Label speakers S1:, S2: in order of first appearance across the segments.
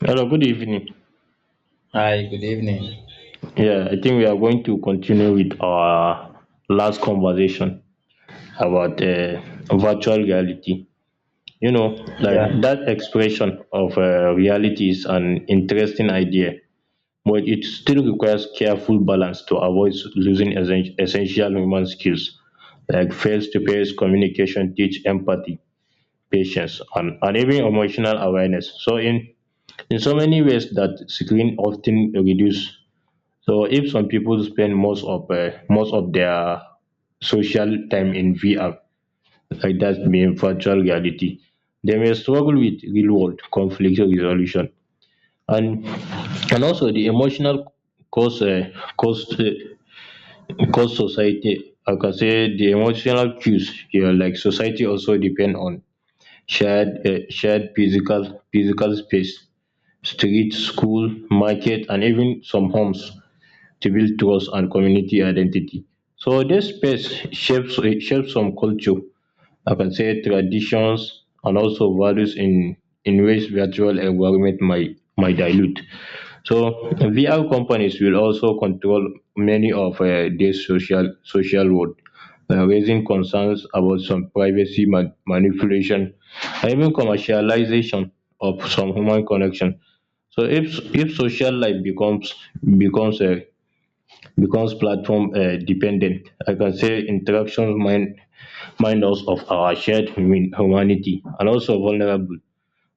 S1: Hello, good evening.
S2: Hi, good evening.
S1: Yeah, I think we are going to continue with our last conversation about virtual reality. Like
S2: Yeah,
S1: that expression of reality is an interesting idea, but it still requires careful balance to avoid losing essential human skills like face to face communication, teach empathy, patience, and even emotional awareness. So, in so many ways, that screen often reduce. So if some people spend most of their social time in VR, like that mean virtual reality, they may struggle with real world conflict resolution and and also the emotional cause cost cost society. I can say the emotional cues here, like society, also depend on shared physical space, street, school, market, and even some homes to build trust and community identity. So this space shapes shapes some culture, I can say traditions and also values in ways virtual environment might dilute. So VR companies will also control many of this social world, raising concerns about some privacy manipulation and even commercialization of some human connection. So if social life becomes a becomes platform dependent. I can say interactions mind us of our shared humanity and also vulnerable.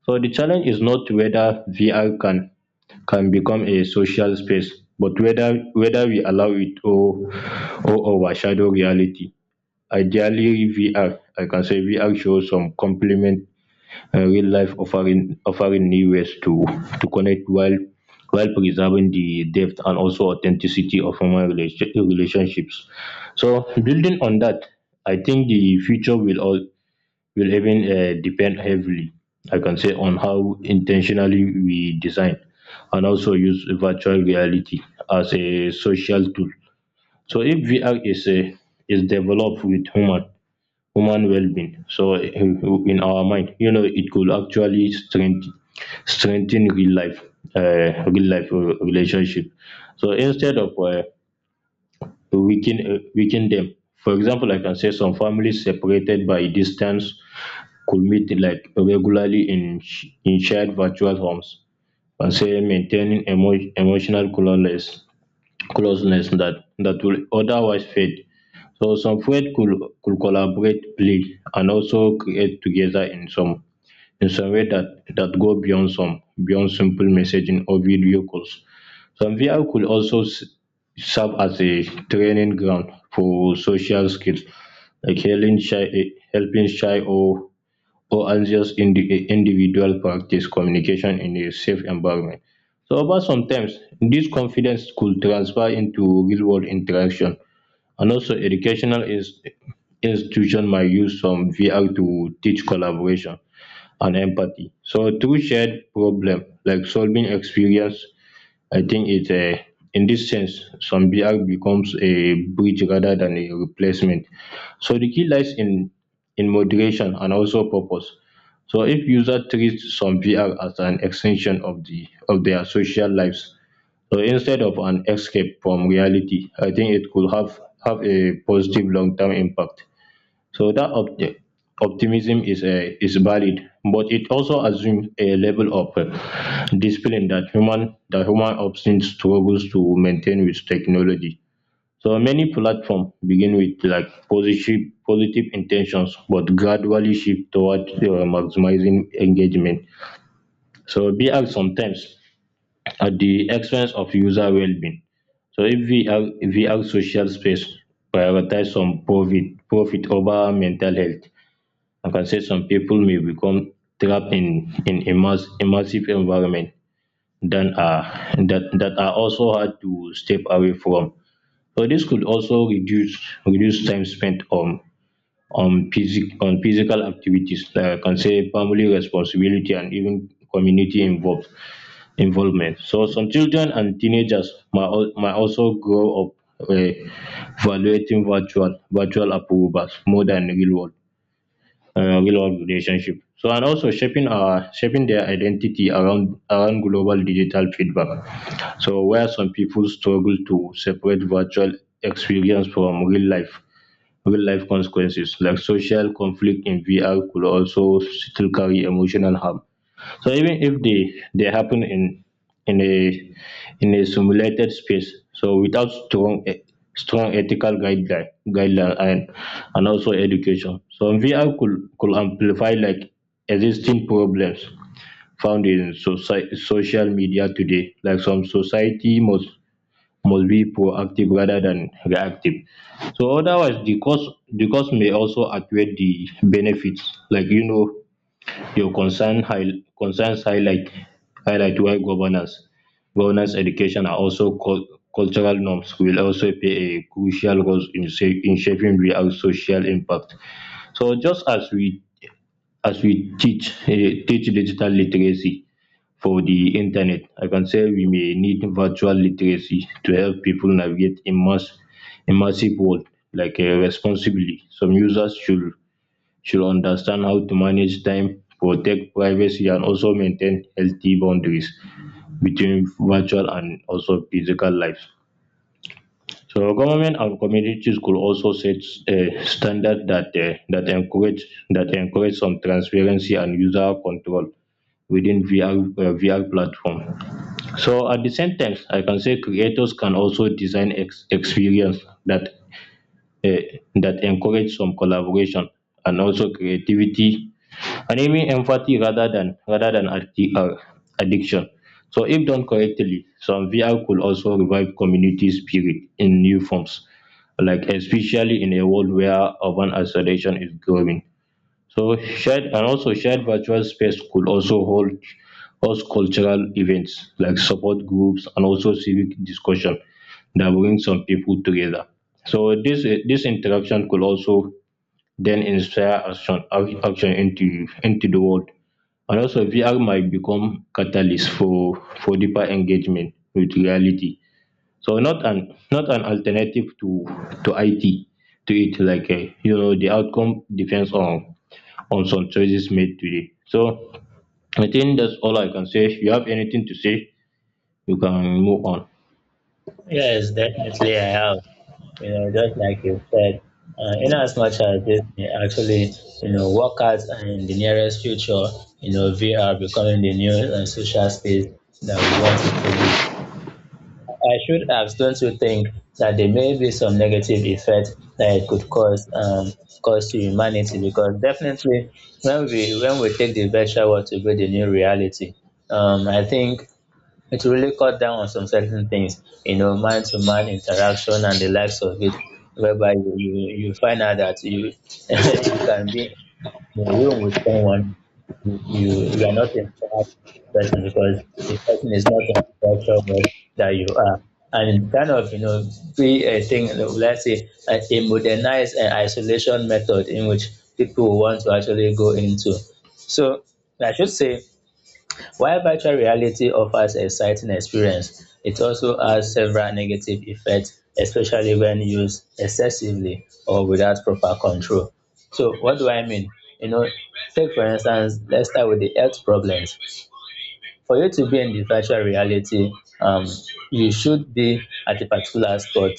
S1: So the challenge is not whether VR can become a social space, but whether we allow it or overshadow reality. Ideally, VR, I can say, VR shows some complement, real life, offering new ways to connect while preserving the depth and also authenticity of human relationships. So building on that, I think the future will even depend heavily, I can say, on how intentionally we design and also use virtual reality as a social tool. So if VR is developed with human well-being, so in our mind, it could actually strengthen real life, relationship, so instead of weaken them. For example, I can say some families separated by distance could meet like regularly in shared virtual homes, and say maintaining emotional closeness that will otherwise fade. So some poet could collaborate, play, and also create together in some way that go beyond some beyond simple messaging or video calls. Some VR could also serve as a training ground for social skills, like helping shy or anxious individual practice communication in a safe environment. So, over sometimes, this confidence could transfer into real world interaction. And also, institution might use some VR to teach collaboration and empathy. So, through shared problem like solving experience, I think it in this sense, some VR becomes a bridge rather than a replacement. So the key lies in moderation and also purpose. So if user treat some VR as an extension of their social lives, so instead of an escape from reality, I think it could have a positive long term impact. So that optimism is valid, but it also assumes a level of discipline that human option struggles to maintain with technology. So many platforms begin with like positive intentions, but gradually shift toward maximizing engagement. So VR sometimes at the expense of user well-being. So if VR social space prioritize some profit over mental health. I can say some people may become trapped in immersive environment than are that are also hard to step away from. So this could also reduce time spent on physical activities. I can say family responsibility and even community involved involvement. So some children and teenagers might also grow up, uh, evaluating virtual approvals more than real world relationship, so and also shaping their identity around global digital feedback. So where some people struggle to separate virtual experience from real life consequences, like social conflict in VR could also still carry emotional harm, so even if they happen in a in a simulated space. So without strong ethical guideline and also education. So VR could amplify like existing problems found in social media today. Like some society must be proactive rather than reactive. So otherwise the cost may also outweigh the benefits. Like, your concern high, concerns highlight why governance education and also cultural norms will also play a crucial role in shaping real social impact. So just as we teach digital literacy for the internet. I can say we may need virtual literacy to help people navigate immersive world, responsibly. Some users should understand how to manage time, protect privacy, and also maintain healthy boundaries between virtual and also physical lives. So government and communities could also set a standard that encourage some transparency and user control within VR platform. So at the same time, I can say creators can also design experience that that encourage some collaboration and also creativity and even empathy rather than addiction. So if done correctly, some VR could also revive community spirit in new forms, like especially in a world where urban isolation is growing. So shared virtual space could also hold host cultural events like support groups and also civic discussion that bring some people together. So this interaction could also then inspire action into the world. And also VR might become catalyst for deeper engagement with reality. So not an alternative to IT to it, the outcome depends on some choices made today. So I think that's all I can say. If you have anything to say, you can move on.
S2: Yes, definitely I have. You know, just like you said, in as much as this may actually, you know, work out and in the nearest future, you know, VR becoming the new social space that we want it to be. I should have, don't you think, that there may be some negative effect that it could cause cause to humanity? Because definitely, when we take the virtual world to be the new reality, I think it really cut down on some certain things, you know, man to man interaction and the likes of it, whereby you find out that you you can be in a room with someone, you are not interacting with the person because the person is not in the culture world that you are. And it kind of, you know, be a thing, let's say, a modernized isolation method in which people want to actually go into. So I should say while virtual reality offers exciting experience, it also has several negative effects, especially when used excessively or without proper control. So what do I mean? You know, take for instance, let's start with the health problems for you to be in the virtual reality um you should be at a particular spot,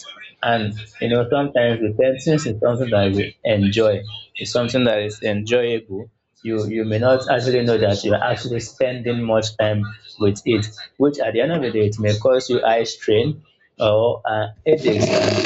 S2: and you know sometimes the is something that we enjoy. It's something that is enjoyable. You may not actually know that you're actually spending much time with it, which at the end of the day it may cause you eye strain or headaches and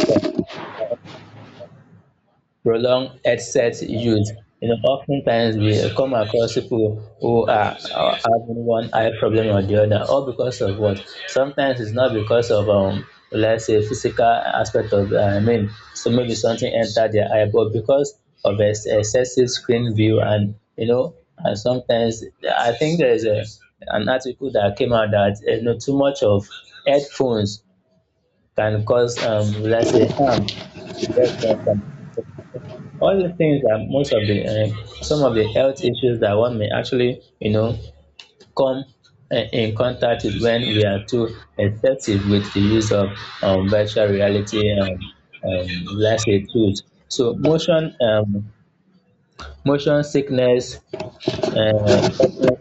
S2: prolonged headset use. You know, oftentimes we come across people who are having one eye problem or the other, all because of what? Sometimes it's not because of let's say physical aspect of. I mean, so maybe something entered their eye, but because of excessive screen view, and you know, and sometimes I think there is a an article that came out that you know too much of headphones can cause let's say harm. All the things that most of the some of the health issues that one may actually, you know, come in contact with when we are too excessive with the use of virtual reality, um, let's say, tools. So motion sickness, uh, causing,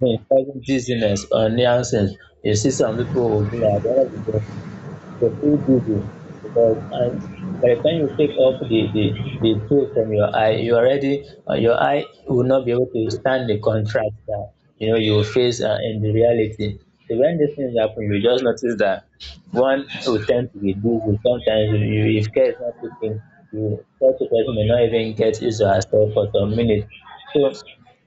S2: causing dizziness or nuisance. You see some people will be like, "Oh, the full busy, because by the time you take off the tool from your eye, you already, your eye will not be able to stand the contrast that, you know, you face in the reality." So when these things happen, you just notice that one will tend to be busy. Sometimes if care is not taken, you such a person may not even get his or herself for some minutes. So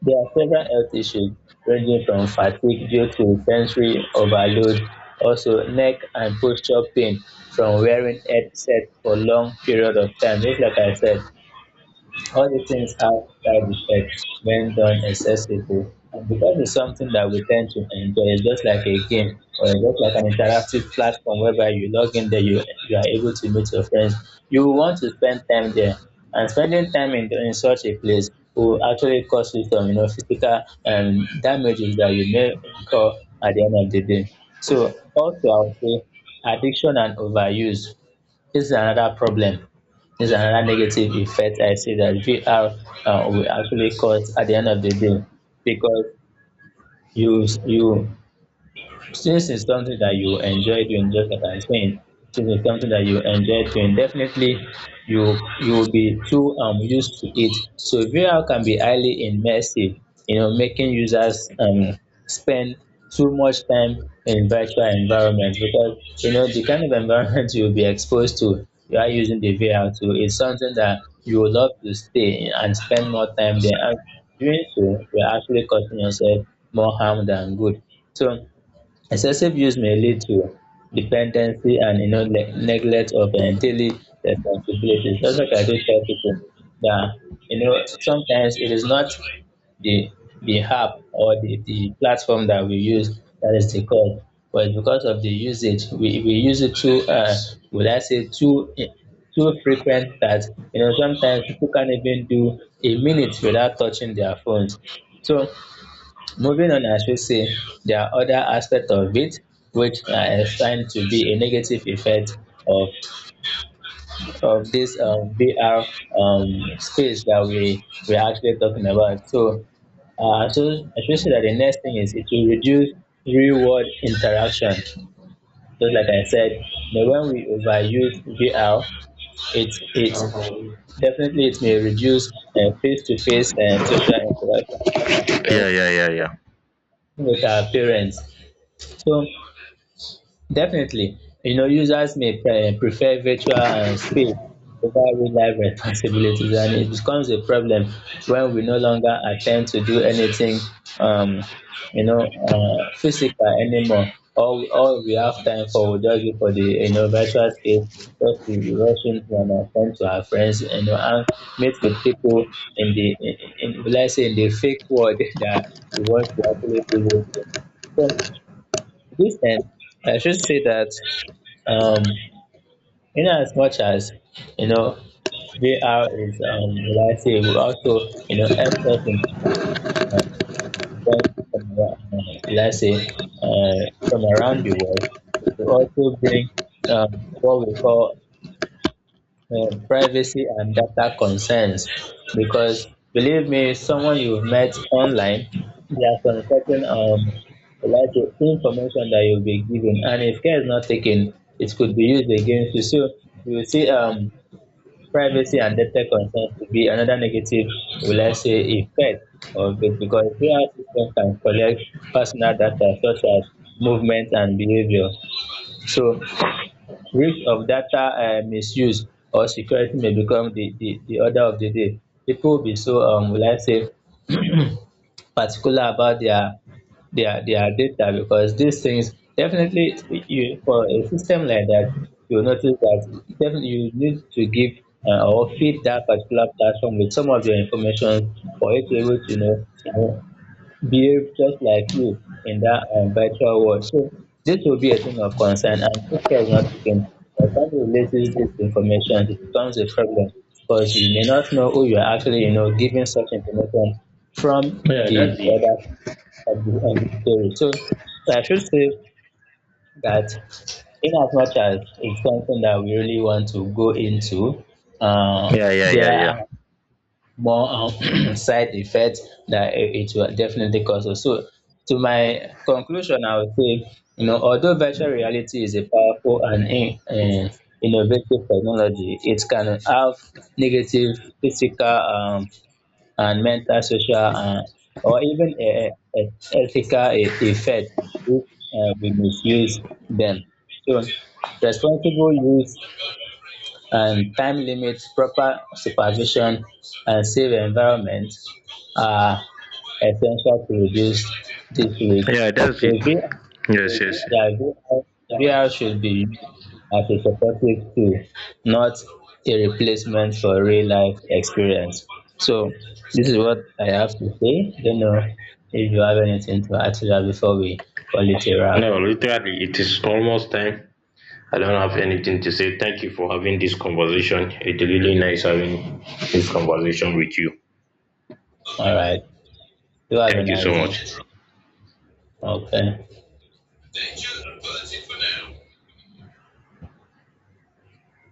S2: there are several health issues, ranging from fatigue due to sensory overload, also neck and posture pain from wearing headset for long period of time. Just like I said, all these things have side effects when done excessively. And because it's something that we tend to enjoy, it's just like a game or it's just like an interactive platform, whereby you log in there, you are able to meet your friends. You will want to spend time there. And spending time in such a place will actually cause you some, you know, physical damages that you may incur at the end of the day. So also I would say addiction and overuse. This is another problem. This is another negative effect I see that VR will actually cause at the end of the day, because you since it's something that you enjoy doing, just like I'm saying, since it's something that you enjoy doing, definitely you will be too used to it. So VR can be highly immersive, you know, making users spend too much time in virtual environment, because you know the kind of environment you'll be exposed to you are using the VR to is something that you would love to stay in and spend more time there. And doing so, you're actually causing yourself more harm than good. So excessive use may lead to dependency, and you know neglect of daily responsibilities. That's what I do tell people, that you know sometimes it is not the app or the platform that we use that is the cause, but because of the usage we use it too would I say too too frequent, that you know sometimes people can't even do a minute without touching their phones. So moving on, I should say there are other aspects of it which I find to be a negative effect of of this VR space that we are actually talking about. So, so I should say that the next thing is it will reduce real world interaction. Just like I said, you know, when we overuse VR, it it definitely it may reduce face to face social interaction with our parents. So definitely. You know, users may prefer virtual speed over real-life responsibilities, and it becomes a problem when we no longer attempt to do anything, um, you know, physical anymore. All we have time for will just be for the, you know, virtual space, just to rush into and attend to our friends, you know, and meet with people in in, let's say, in the fake world that we want to actually live with. So, this end, I should say that um, in as much as you know VR is, reliable, also you know helps us in uh, from, from, uh, let's say from around the world to also bring what we call privacy and data concerns, because believe me, someone you've met online, there are some certain information that you'll be given, and if care is not taken it could be used against you. So you will see privacy and data concerns to be another negative, will I say effect of it, because AI system can collect personal data such as movement and behavior. So risk of data misuse or security may become di di di order of the day. People will be so will I say particular about their data, because these things definitely, you, for a system like that, you'll notice that definitely you need to give or feed that particular platform with some of your information for it to be able to know, you know, behave just like you in that virtual world. So this will be a thing of concern, and if care is not taken, by the time you releases this information, it becomes a problem, because you may not know who you are actually, you know, giving such information from
S1: Yeah,
S2: the,
S1: that's it.
S2: other. Of the story. So I should say that in as much as it's something that we really want to go into, uh,
S1: Yeah, yeah,
S2: there
S1: yeah, yeah.
S2: are more side effects that it will definitely cause us. So, to my conclusion, I would say, you know, although virtual reality is a powerful and innovative technology, it can have negative physical, and mental, social, or even uh, uh, ethical effect if we misuse them. So, responsible use and time limits, proper supervision, and safe environment are essential to reduce this risk.
S1: Yeah, that's
S2: So
S1: it.
S2: VR,
S1: Yes, yes.
S2: yeah, VR, should be used as a supportive tool, not a replacement for real life experience. So this is what I have to say. Don't know if you have anything to add to that before we call it a wrap.
S1: No, literally, it is almost time. I don't have anything to say. Thank you for having this conversation. It's really nice having this conversation with you.
S2: All right. You have a
S1: Thank you so
S2: nice day.
S1: much.
S2: Okay.